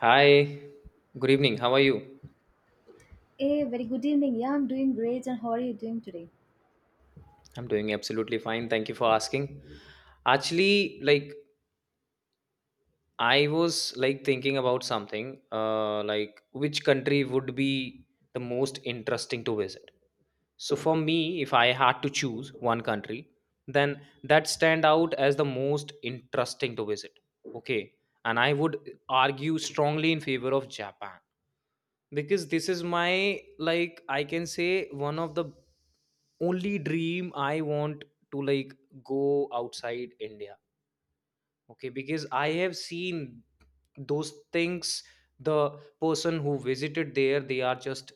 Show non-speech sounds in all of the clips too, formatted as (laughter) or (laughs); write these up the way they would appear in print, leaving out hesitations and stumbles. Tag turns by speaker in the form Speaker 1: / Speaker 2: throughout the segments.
Speaker 1: Hi, good evening. How are you?
Speaker 2: Hey, very good evening. Yeah, I'm doing great. And how are you doing today?
Speaker 1: I'm doing absolutely fine. Thank you for asking. Actually, like I was like thinking about something, like which country would be the most interesting to visit. So for me, if I had to choose one country, then that stand out as the most interesting to visit. Okay, and I would argue strongly in favor of Japan because this is my like I can say one of the only dream I want to like go outside India. Okay, because I have seen those things, the person who visited there they are just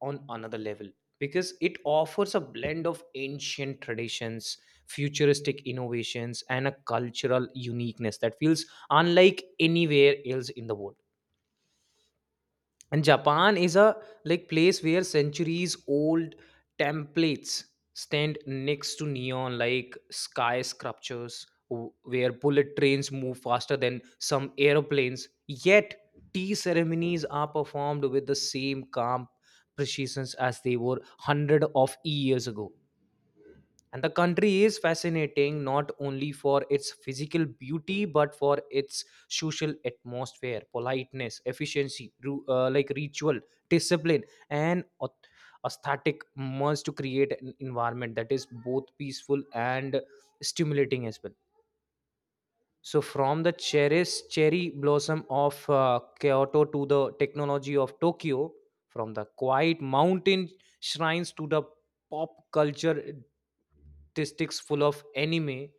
Speaker 1: on another level because it offers a blend of ancient traditions, futuristic innovations, and a cultural uniqueness that feels unlike anywhere else in the world. And Japan is a like place where centuries old templates stand next to neon like skyscrapers where bullet trains move faster than some airplanes, yet tea ceremonies are performed with the same calm precision as they were hundreds of years ago. And the country is fascinating not only for its physical beauty but for its social atmosphere, politeness, efficiency, like ritual, discipline, and aesthetic merge to create an environment that is both peaceful and stimulating as well. So from the cherries, cherry blossom of Kyoto to the technology of Tokyo, from the quiet mountain shrines to the pop culture statistics full of anime,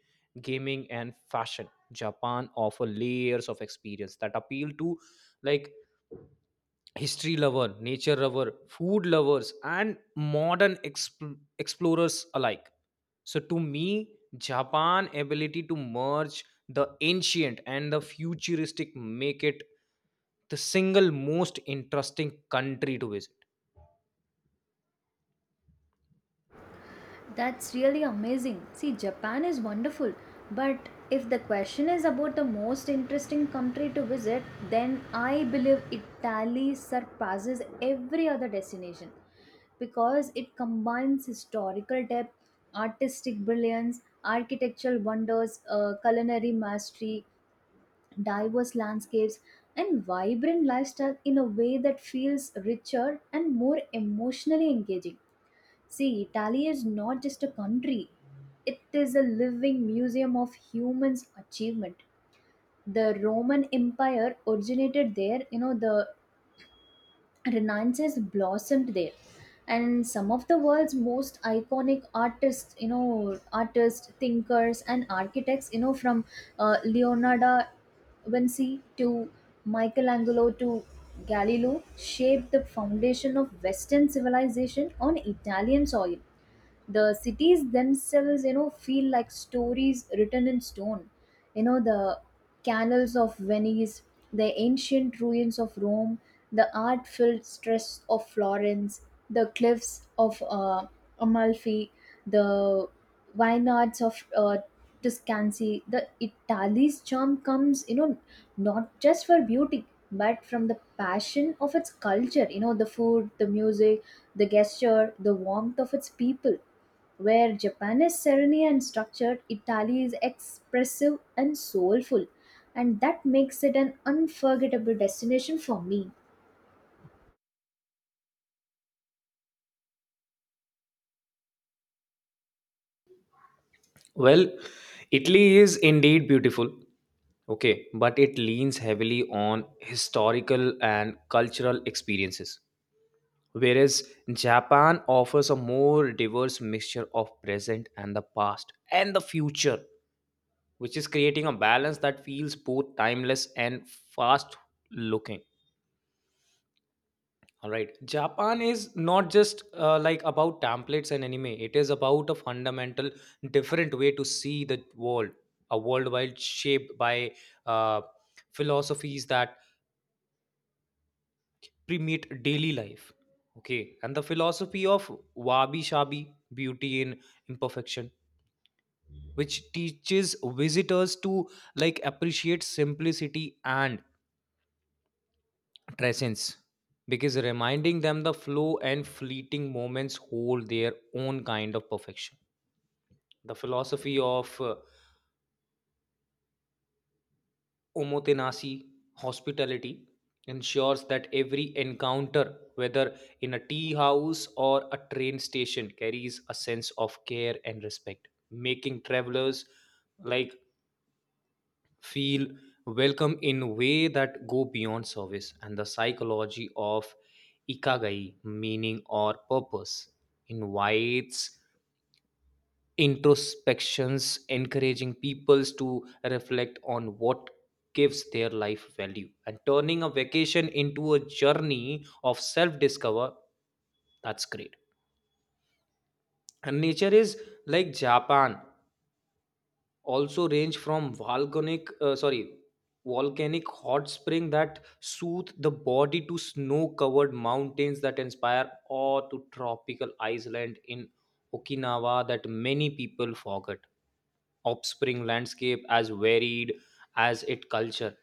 Speaker 1: gaming, and fashion, Japan offer layers of experience that appeal to like history lover, nature lover, food lovers, and modern explorers alike. So to me, Japan ability to merge the ancient and the futuristic make it the single most interesting country to visit.
Speaker 2: That's really amazing. See, Japan is wonderful, but if the question is about the most interesting country to visit, then I believe Italy surpasses every other destination because it combines historical depth, artistic brilliance, architectural wonders, culinary mastery, diverse landscapes, and vibrant lifestyle in a way that feels richer and more emotionally engaging. See, Italy is not just a country, it is a living museum of humans' achievement. The Roman Empire originated there, you know, the Renaissance blossomed there, and some of the world's most iconic artists, you know, artists, thinkers, and architects, you know, from Leonardo da Vinci to Michelangelo to Galileo, shaped the foundation of Western civilization on Italian soil. The cities themselves, you know, feel like stories written in stone. You know, the canals of Venice, the ancient ruins of Rome, the art filled stress of Florence, the cliffs of Amalfi, the vineyards of Tuscancy, the Italy's charm comes, you know, not just for beauty, but from the passion of its culture, you know, the food, the music, the gesture, the warmth of its people. Where Japan is serene and structured, Italy is expressive and soulful, and that makes it an unforgettable destination for me.
Speaker 1: Well, Italy is indeed beautiful. Okay, but it leans heavily on historical and cultural experiences. Whereas Japan offers a more diverse mixture of present and the past and the future, which is creating a balance that feels both timeless and fast looking. All right. Japan is not just like about templates and anime, it is about a fundamental different way to see the world, a world while shaped by uh, philosophies that primate daily life. Okay, and the philosophy of wabi sabi, beauty in imperfection, which teaches visitors to like appreciate simplicity and presence because reminding them the flow and fleeting moments hold their own kind of perfection. The philosophy of Omotenashi, hospitality, ensures that every encounter, whether in a tea house or a train station, carries a sense of care and respect, making travelers like feel welcome in a way that go beyond service. And the psychology of ikagai, meaning or purpose, invites introspections, encouraging peoples to reflect on what gives their life value and turning a vacation into a journey of self discover. That's great. And nature is like Japan also range from volcanic sorry volcanic hot spring that soothe the body to snow covered mountains that inspire awe to tropical island in Okinawa that many people forget, offspring landscape as varied as its culture.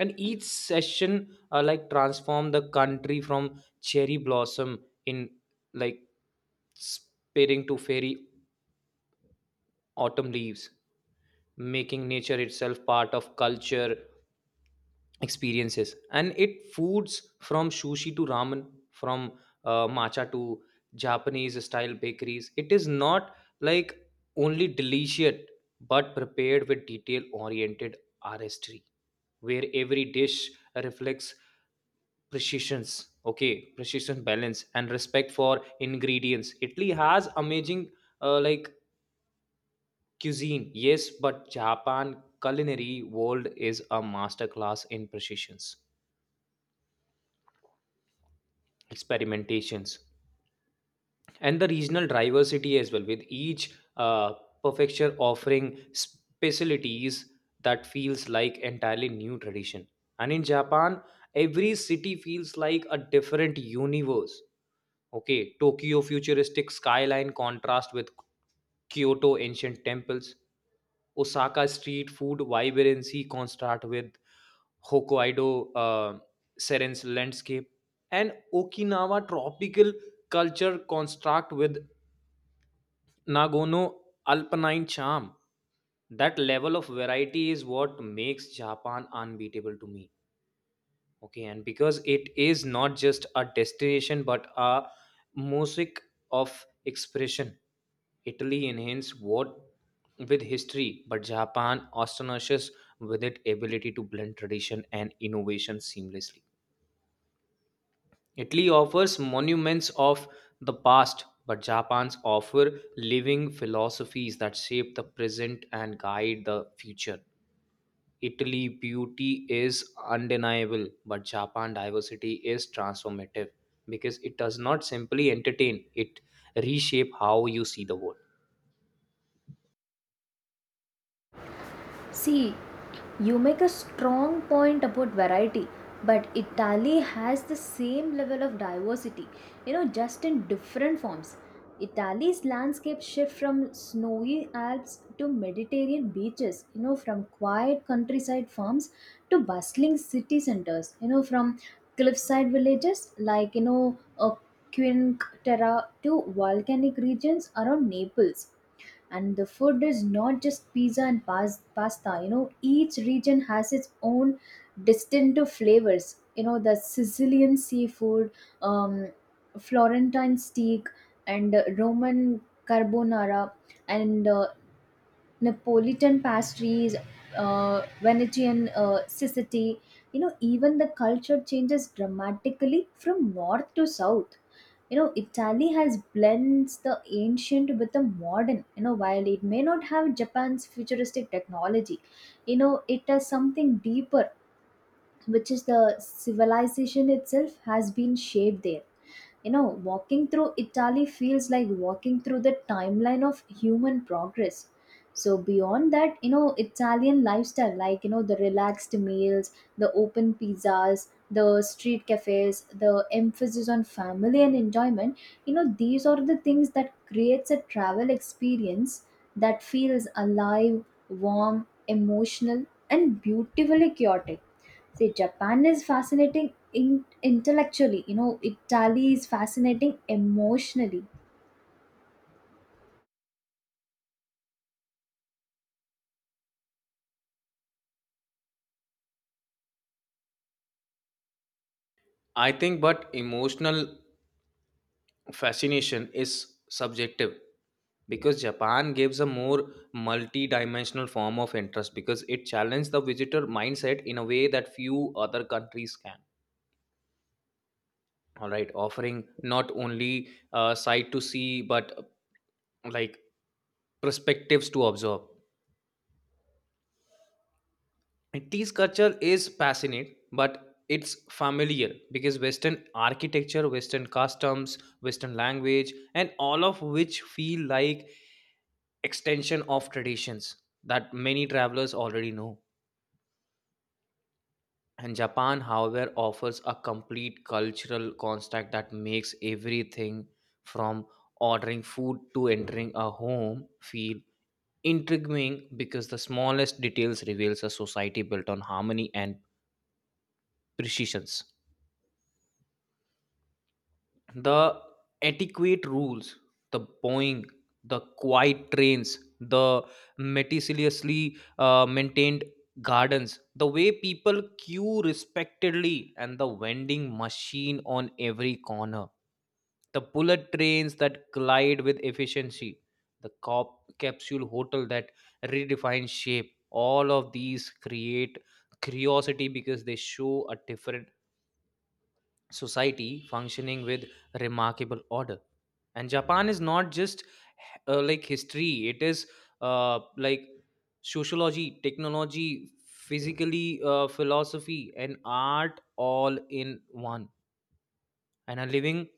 Speaker 1: And each session like transform the country from cherry blossom in like spearing to fairy autumn leaves, making nature itself part of culture experiences. And it foods from sushi to ramen, from matcha to Japanese style bakeries, it is not like only delicious but prepared with detail oriented artistry where every dish reflects precisions, okay, precision balance and respect for ingredients. Italy has amazing like cuisine, yes, but Japan culinary world is a masterclass in precisions, experimentations, and the regional diversity as well. With each prefecture offering specialties that feels like entirely new tradition. And in Japan, every city feels like a different universe. Okay, Tokyo futuristic skyline contrast with Kyoto ancient temples. Osaka street food vibrancy contrast with Hokkaido Seren's landscape, and Okinawa tropical culture construct with Nagono alpine charm. That level of variety is what makes Japan unbeatable to me. Okay, and because it is not just a destination but a mosaic of expression. Italy enhanced what with history, but Japan astonishes with its ability to blend tradition and innovation seamlessly. Italy offers monuments of the past, but Japan's offer living philosophies that shape the present and guide the future. Italy beauty is undeniable, but Japan diversity is transformative because it does not simply entertain, it reshape how you see the world.
Speaker 2: See, you make a strong point about variety, but Italy has the same level of diversity, you know, just in different forms. Italy's landscape shift from snowy Alps to Mediterranean beaches, you know, from quiet countryside farms to bustling city centers, you know, from cliffside villages like, you know, a Quinque Terre to volcanic regions around Naples. And the food is not just pizza and pasta. You know, each region has its own distinctive flavors, you know, the Sicilian seafood, um, florentine steak, and Roman carbonara, and Napolitan pastries, Venetian, Sicily. You know, even the culture changes dramatically from north to south. You know, Italy has blends the ancient with the modern. You know, while it may not have Japan's futuristic technology, you know, it has something deeper, which is the civilization itself has been shaped there. You know, walking through Italy feels like walking through the timeline of human progress. So, beyond that, you know, Italian lifestyle, like, you know, the relaxed meals, the open pizzas, the street cafes, the emphasis on family and enjoyment, you know, these are the things that creates a travel experience that feels alive, warm, emotional, and beautifully chaotic. See, Japan is fascinating intellectually. You know, Italy is fascinating emotionally.
Speaker 1: I think, but emotional fascination is subjective because Japan gives a more multi-dimensional form of interest because it challenges the visitor mindset in a way that few other countries can. All right, offering not only sight to see, but like perspectives to observe. And this culture is fascinating, but it's familiar because Western architecture, Western customs, Western language, and all of which feel like extension of traditions that many travelers already know. And Japan, however, offers a complete cultural construct that makes everything from ordering food to entering a home feel intriguing because the smallest details reveals a society built on harmony and precision. The adequate rules, the bowing, the quiet trains, the meticulously maintained gardens, the way people queue respectedly, and the vending machine on every corner, the bullet trains that glide with efficiency, the cop capsule hotel that redefines shape. All of these create curiosity because they show a different society functioning with remarkable order. And Japan is not just like history, it is like sociology, technology, physically, philosophy, and art all in one. And a living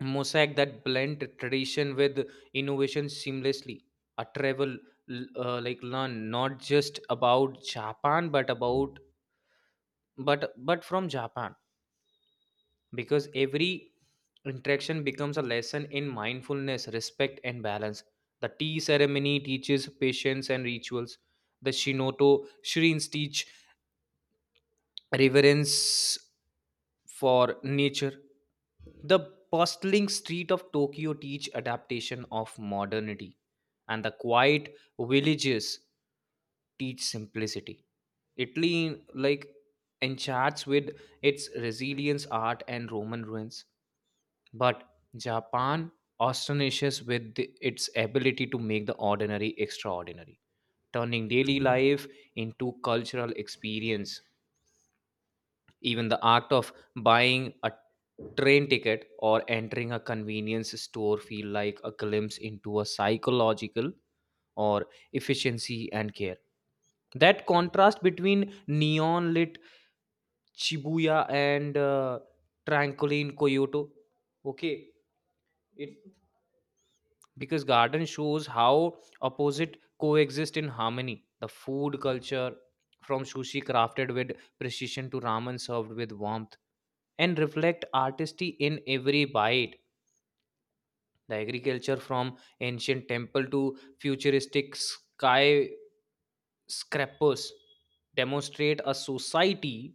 Speaker 1: mosaic that blend tradition with innovation seamlessly. A travel like learn not just about Japan but about but from Japan because every interaction becomes a lesson in mindfulness, respect, and balance. The tea ceremony teaches patience and rituals. The Shinoto shrines teach reverence for nature. The bustling street of Tokyo teach adaptation of modernity, and the quiet villages teach simplicity. Italy like enchants with its resilience art and Roman ruins. But Japan astonishes with its ability to make the ordinary extraordinary, turning daily life into cultural experience. Even the act of buying a train ticket or entering a convenience store feel like a glimpse into a psychological or efficiency and care. That contrast between neon lit Shibuya and tranquil in Kyoto, okay, it because garden shows how opposite coexist in harmony. The food culture, from sushi crafted with precision to ramen served with warmth and reflect artistry in every bite. The agriculture from ancient temple to futuristic skyscrapers demonstrate a society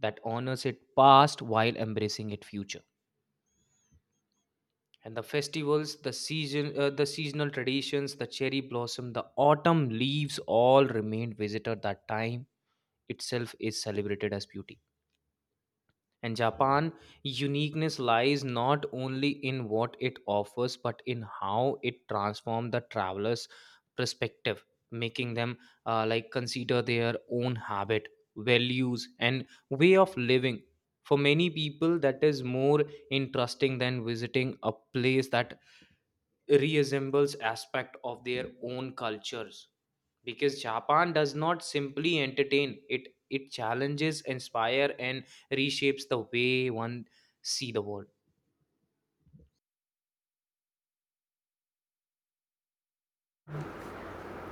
Speaker 1: that honors its past while embracing its future. And the festivals, the season the seasonal traditions, the cherry blossom, the autumn leaves, all remained visitor that time itself is celebrated as beauty. And Japan uniqueness lies not only in what it offers but in how it transforms the traveler's perspective, making them like consider their own habit, values, and way of living. For many people that is more interesting than visiting a place that reassembles aspect of their own cultures because Japan does not simply entertain, it challenges, inspire, and reshapes the way one see the world.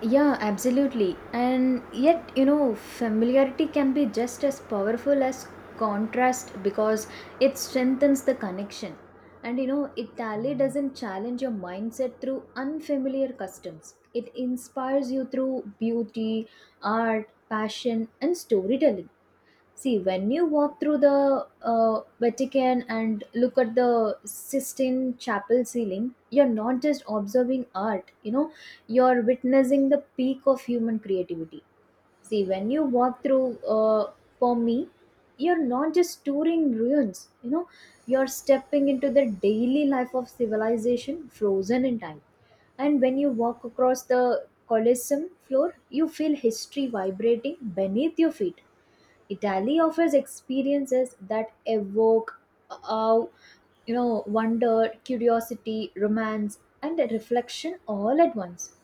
Speaker 2: Yeah, absolutely. And yet, you know, familiarity can be just as powerful as contrast because it strengthens the connection. And you know, Italy doesn't challenge your mindset through unfamiliar customs. It inspires you through beauty, art, passion, and storytelling. See, when you walk through the Vatican and look at the Sistine Chapel ceiling, you're not just observing art, you know, you're witnessing the peak of human creativity. See, when you walk through, for me, you're not just touring ruins, you know, you're stepping into the daily life of civilization frozen in time. And when you walk across the Colosseum floor, you feel history vibrating beneath your feet. Italy offers experiences that evoke uh, you know, wonder, curiosity, romance, and reflection all at once.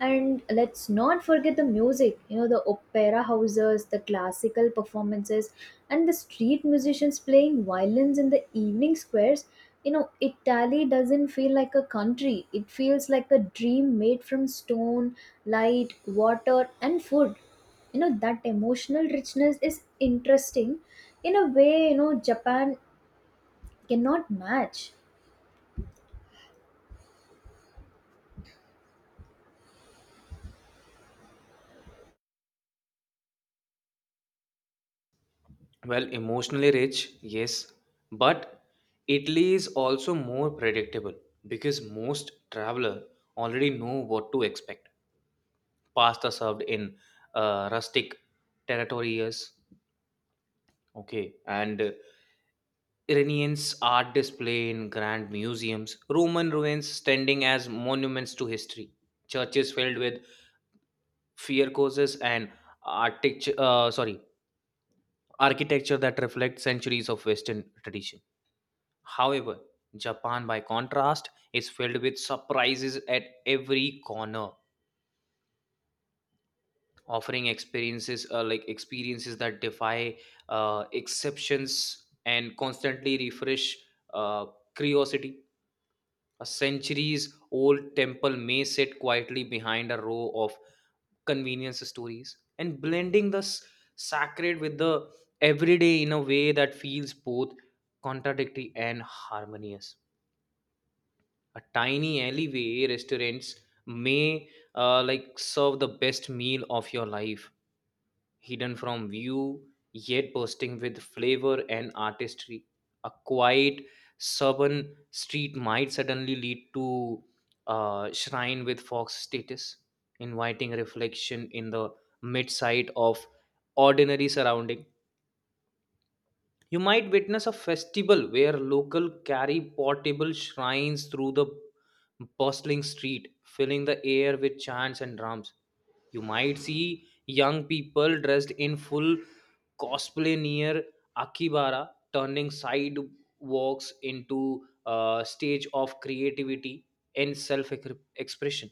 Speaker 2: And let's not forget the music, you know, the opera houses, the classical performances, and the street musicians playing violins in the evening squares. You know, Italy doesn't feel like a country. It feels like a dream made from stone, light, water, and food. You know, that emotional richness is interesting in a way, you know, Japan cannot match.
Speaker 1: Well, emotionally rich, yes, but Italy is also more predictable because most traveler already know what to expect. Pasta served in rustic territories. Okay, and Iranians' art display in grand museums, Roman ruins standing as monuments to history, churches filled with fiercourses and architecture, architecture that reflects centuries of Western tradition. However, Japan, by contrast, is filled with surprises at every corner, offering experiences experiences that defy exceptions and constantly refresh uh, curiosity. A centuries old temple may sit quietly behind a row of convenience stories and blending the sacred with the everyday in a way that feels both contradictory and harmonious. A tiny alleyway restaurants may like serve the best meal of your life hidden from view, yet bursting with flavor and artistry. A quiet suburban street might suddenly lead to a shrine with fox status, inviting reflection in the sight of ordinary surrounding. You might witness a festival where local carry portable shrines through the bustling street, filling the air with chants and drums. You might see young people dressed in full cosplay near Akibara, turning sidewalks into a stage of creativity and self expression.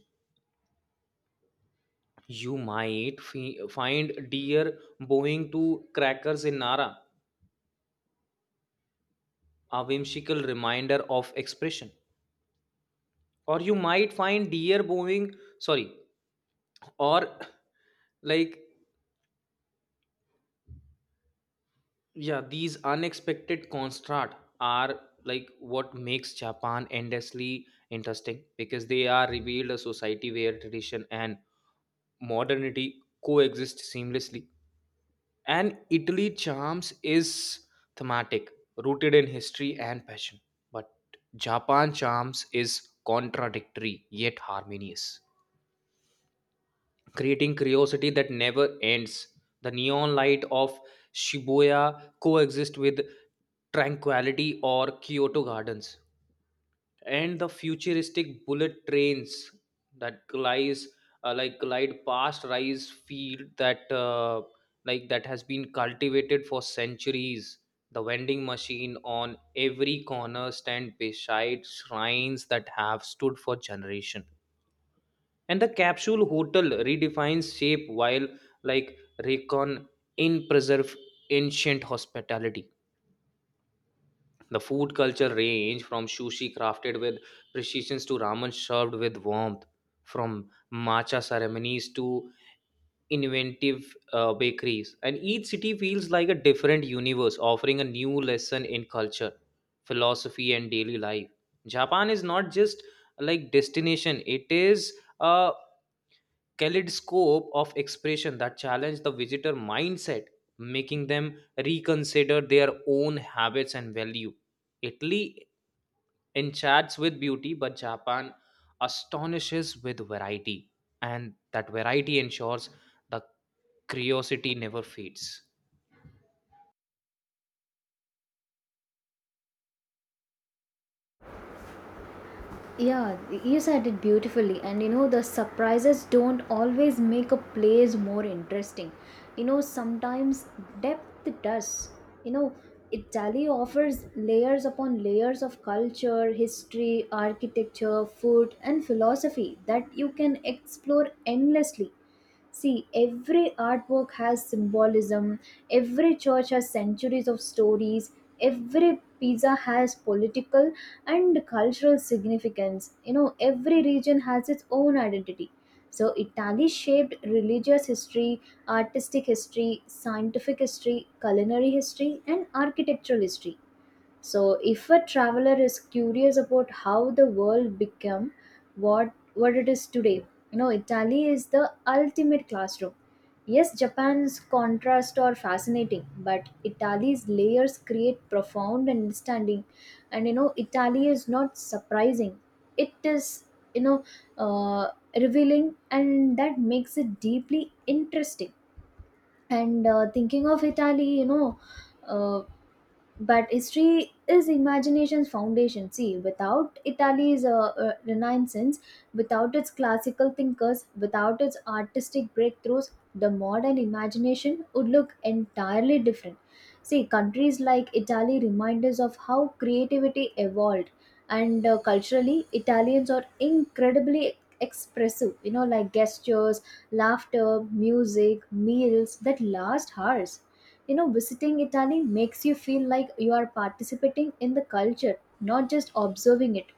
Speaker 1: You might find deer bowing to crackers in Nara, a whimsical reminder of expression. Or you might find deer bowing, sorry, or like yeah, these unexpected contrast are like what makes Japan endlessly interesting because they are revealed a society where tradition and modernity coexist seamlessly. And Italy charms is thematic, rooted in history and passion. But Japan charms is contradictory yet harmonious. Creating curiosity that never ends. The neon light of Shibuya coexist with tranquility or Kyoto gardens, and the futuristic bullet trains that glides like glide past rice field that has been cultivated for centuries. The vending machine on every corner stand beside shrines that have stood for generation, and the capsule hotel redefines shape while like recon in preserve ancient hospitality. The food culture range from sushi crafted with precision to ramen served with warmth, from matcha ceremonies to inventive bakeries, and each city feels like a different universe offering a new lesson in culture, philosophy, and daily life. Japan is not just like destination, it is a kaleidoscope of expression that challenge the visitor mindset, making them reconsider their own habits and value. Italy enchants with beauty, but Japan astonishes with variety, and that variety ensures the curiosity never fades.
Speaker 2: Yeah, you said it beautifully. And you know, the surprises don't always make a place more interesting. You know, sometimes depth does. You know, Italy offers layers upon layers of culture, history, architecture, food, and philosophy that you can explore endlessly. See, every artwork has symbolism, every church has centuries of stories, every pizza has political and cultural significance. You know, every region has its own identity. So, Italy shaped religious history, artistic history, scientific history, culinary history, and architectural history. So if a traveler is curious about how the world became what it is today, you know, Italy is the ultimate classroom. Yes, Japan's contrast are fascinating, but Italy's layers create profound understanding. And you know, Italy is not surprising. It is, you know, uh, revealing, and that makes it deeply interesting. And thinking of Italy, you know, uh, but history is imagination's foundation. See, without Italy's Renaissance, without its classical thinkers, without its artistic breakthroughs, the modern imagination would look entirely different. See, countries like Italy remind us of how creativity evolved. And culturally, Italians are incredibly expressive, you know, like gestures, laughter, music, meals that last hours. You know, visiting Italy makes you feel like you are participating in the culture, not just observing it.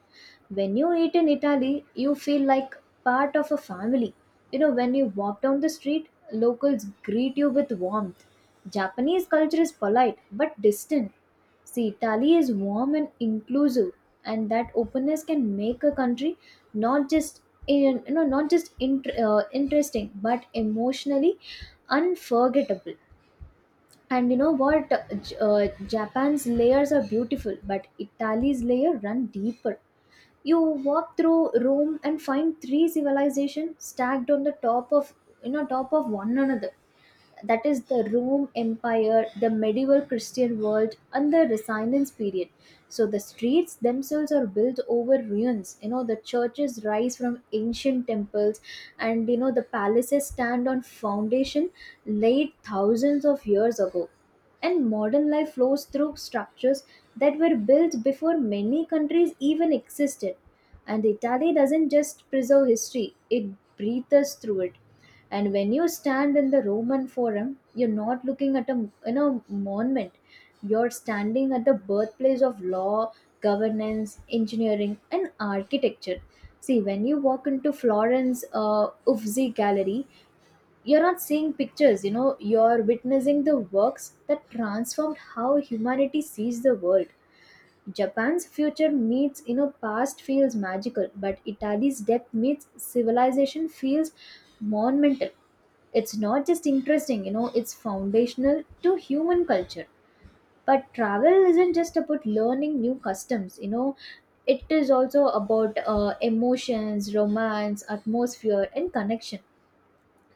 Speaker 2: When you eat in Italy, you feel like part of a family. You know, when you walk down the street, locals greet you with warmth. Japanese culture is polite but distant. See, Italy is warm and inclusive, and that openness can make a country not just in, you know not just int- interesting but emotionally unforgettable. And you know what? Japan's layers are beautiful, but Italy's layer run deeper. You walk through Rome and find three civilizations stacked on the top of, you know, top of one another, that is the Rome Empire, the medieval Christian world, and the Renaissance period. So the streets themselves are built over ruins. You know, the churches rise from ancient temples, and you know, the palaces stand on foundation laid thousands of years ago. And modern life flows through structures that were built before many countries even existed. And Italy doesn't just preserve history, it breathes through it. And when you stand in the Roman forum, you're not looking at a, you know, monument. You're standing at the birthplace of law, governance, engineering, and architecture. See, when you walk into Florence Uffizi gallery, you're not seeing pictures. You know, you're witnessing the works that transformed how humanity sees the world. Japan's future meets, you know, past feels magical, but Italy's depth meets civilization feels monumental. It's not just interesting, you know, it's foundational to human culture. But travel isn't just about learning new customs, you know, it is also about emotions, romance, atmosphere, and connection.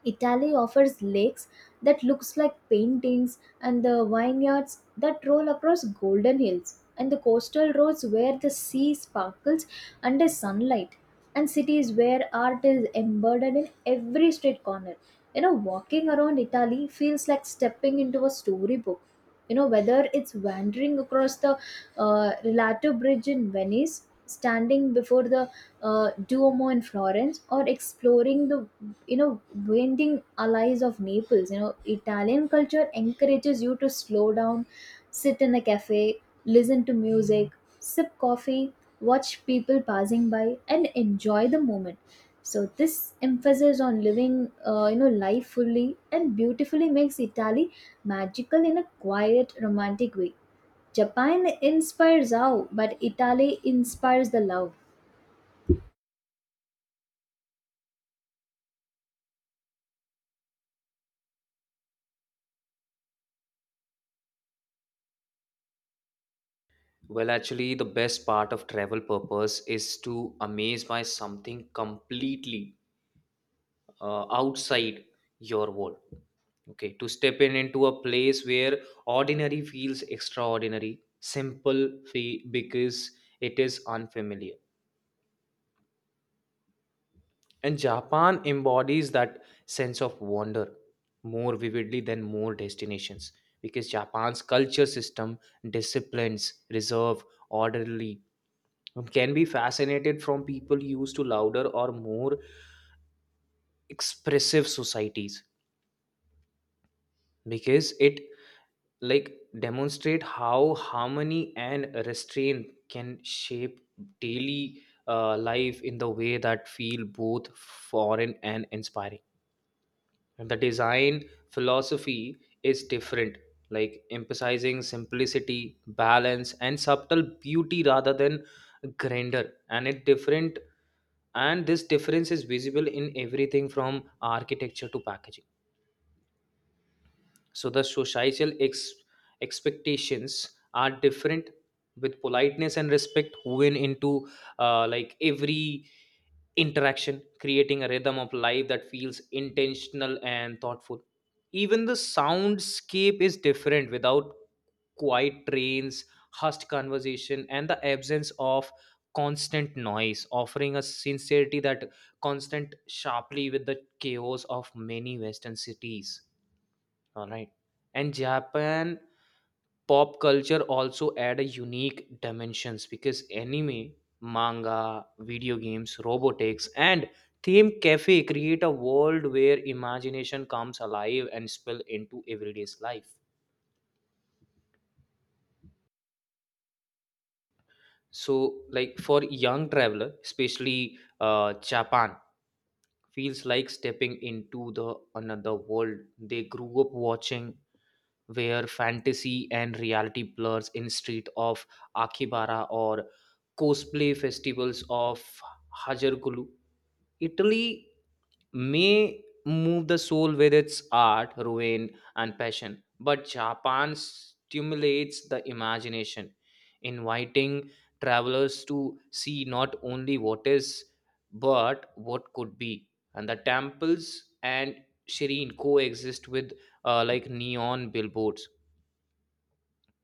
Speaker 2: Italy offers lakes that looks like paintings, and the vineyards that roll across golden hills, and the coastal roads where the sea sparkles under sunlight, and cities where art is embedded in every street corner. You know, walking around Italy feels like stepping into a storybook. You know, whether it's wandering across the Rialto Bridge in Venice, standing before the Duomo in Florence, or exploring the, you know, winding alleys of Naples. You know, Italian culture encourages you to slow down, sit in a cafe, listen to music, sip coffee, watch people passing by, and enjoy the moment. So this emphasis on living, you know, life fully and beautifully makes Italy magical in a quiet, romantic way. Japan inspires awe, but Italy inspires the love.
Speaker 1: Well, actually, the best part of travel purpose is to amaze by something completely outside your wall, okay, to step in into a place where ordinary feels extraordinary simple because it is unfamiliar, and Japan embodies that sense of wonder more vividly than more destinations because Japan's culture system, disciplines, reserve, orderly, can be fascinated from people used to louder or more expressive societies because it like demonstrate how harmony and restraint can shape daily life in the way that feel both foreign and inspiring. And the design philosophy is different, like emphasizing simplicity, balance, and subtle beauty rather than grandeur, and it different, and this difference is visible in everything from architecture to packaging. So the societal expectations are different, with politeness and respect woven into like every interaction, creating a rhythm of life that feels intentional and thoughtful. Even the soundscape is different without quiet trains, hushed conversation, and the absence of constant noise, offering a sincerity that constant sharply with the chaos of many Western cities. All right. And Japan pop culture also add a unique dimensions because anime, manga, video games, robotics, and theme cafe create a world where imagination comes alive and spill into everyday's life. So, like for young traveler, especially Japan, feels like stepping into the another world. They grew up watching where fantasy and reality blurs in street of Akibara or cosplay festivals of Hajarkulu. Italy may move the soul with its art, ruin, and passion, but Japan stimulates the imagination, inviting travelers to see not only what is but what could be. And the temples and Shireen coexist with like neon billboards,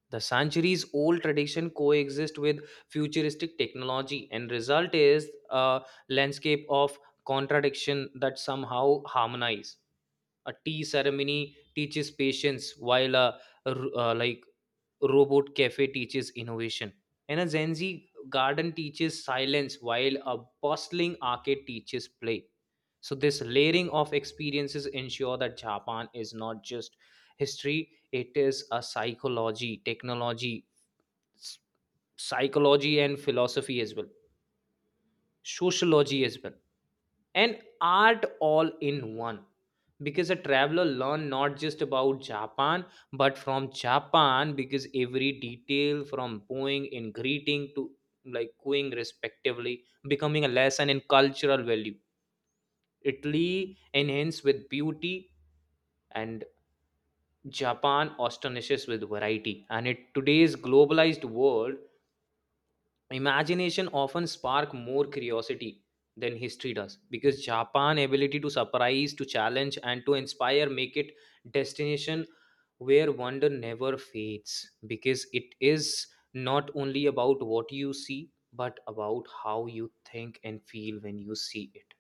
Speaker 1: the centuries old tradition coexist with futuristic technology, and result is a landscape of contradiction that somehow harmonize. A tea ceremony teaches patience, while a, like robot cafe teaches innovation, and a Gen Z garden teaches silence, while a bustling arcade teaches play. So this layering of experiences ensure that Japan is not just history, it is a psychology, technology, s- psychology and philosophy as well, sociology as well, and art all in one, because a traveler learn not just about Japan but from Japan, because every detail from bowing and greeting to like cooing respectively becoming a lesson in cultural value. Italy enhanced with beauty, and Japan astonishes with variety, and in today's globalized world, imagination often spark more curiosity than history does because Japan ability to surprise, to challenge, and to inspire make it destination where wonder never fades because it is not only about what you see but about how you think and feel when you see it.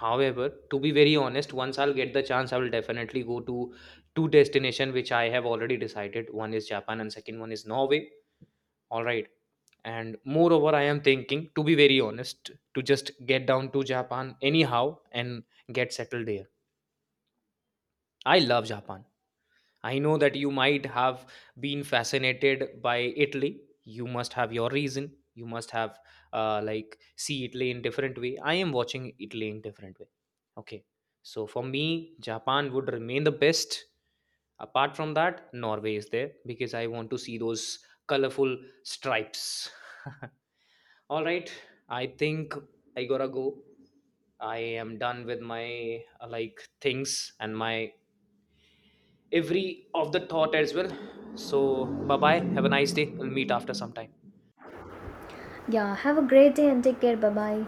Speaker 1: However, to be very honest, once I'll get the chance, I will definitely go to two destination which I have already decided. One is Japan and second one is Norway. All right. And moreover, I am thinking, to be very honest, to just get down to Japan anyhow and get settled there. I love Japan. I know that you might have been fascinated by Italy, you must have your reason, you must have like see Italy in different way. I am watching Italy in different way. Okay, so for me Japan would remain the best. Apart from that, Norway is there because I want to see those colorful stripes. (laughs) All right, I think I gotta go. I am done with my like things and my every of the thought as well. So bye bye. Have a nice day. We'll meet after some time.
Speaker 2: Yeah, have a great day and take care. Bye bye.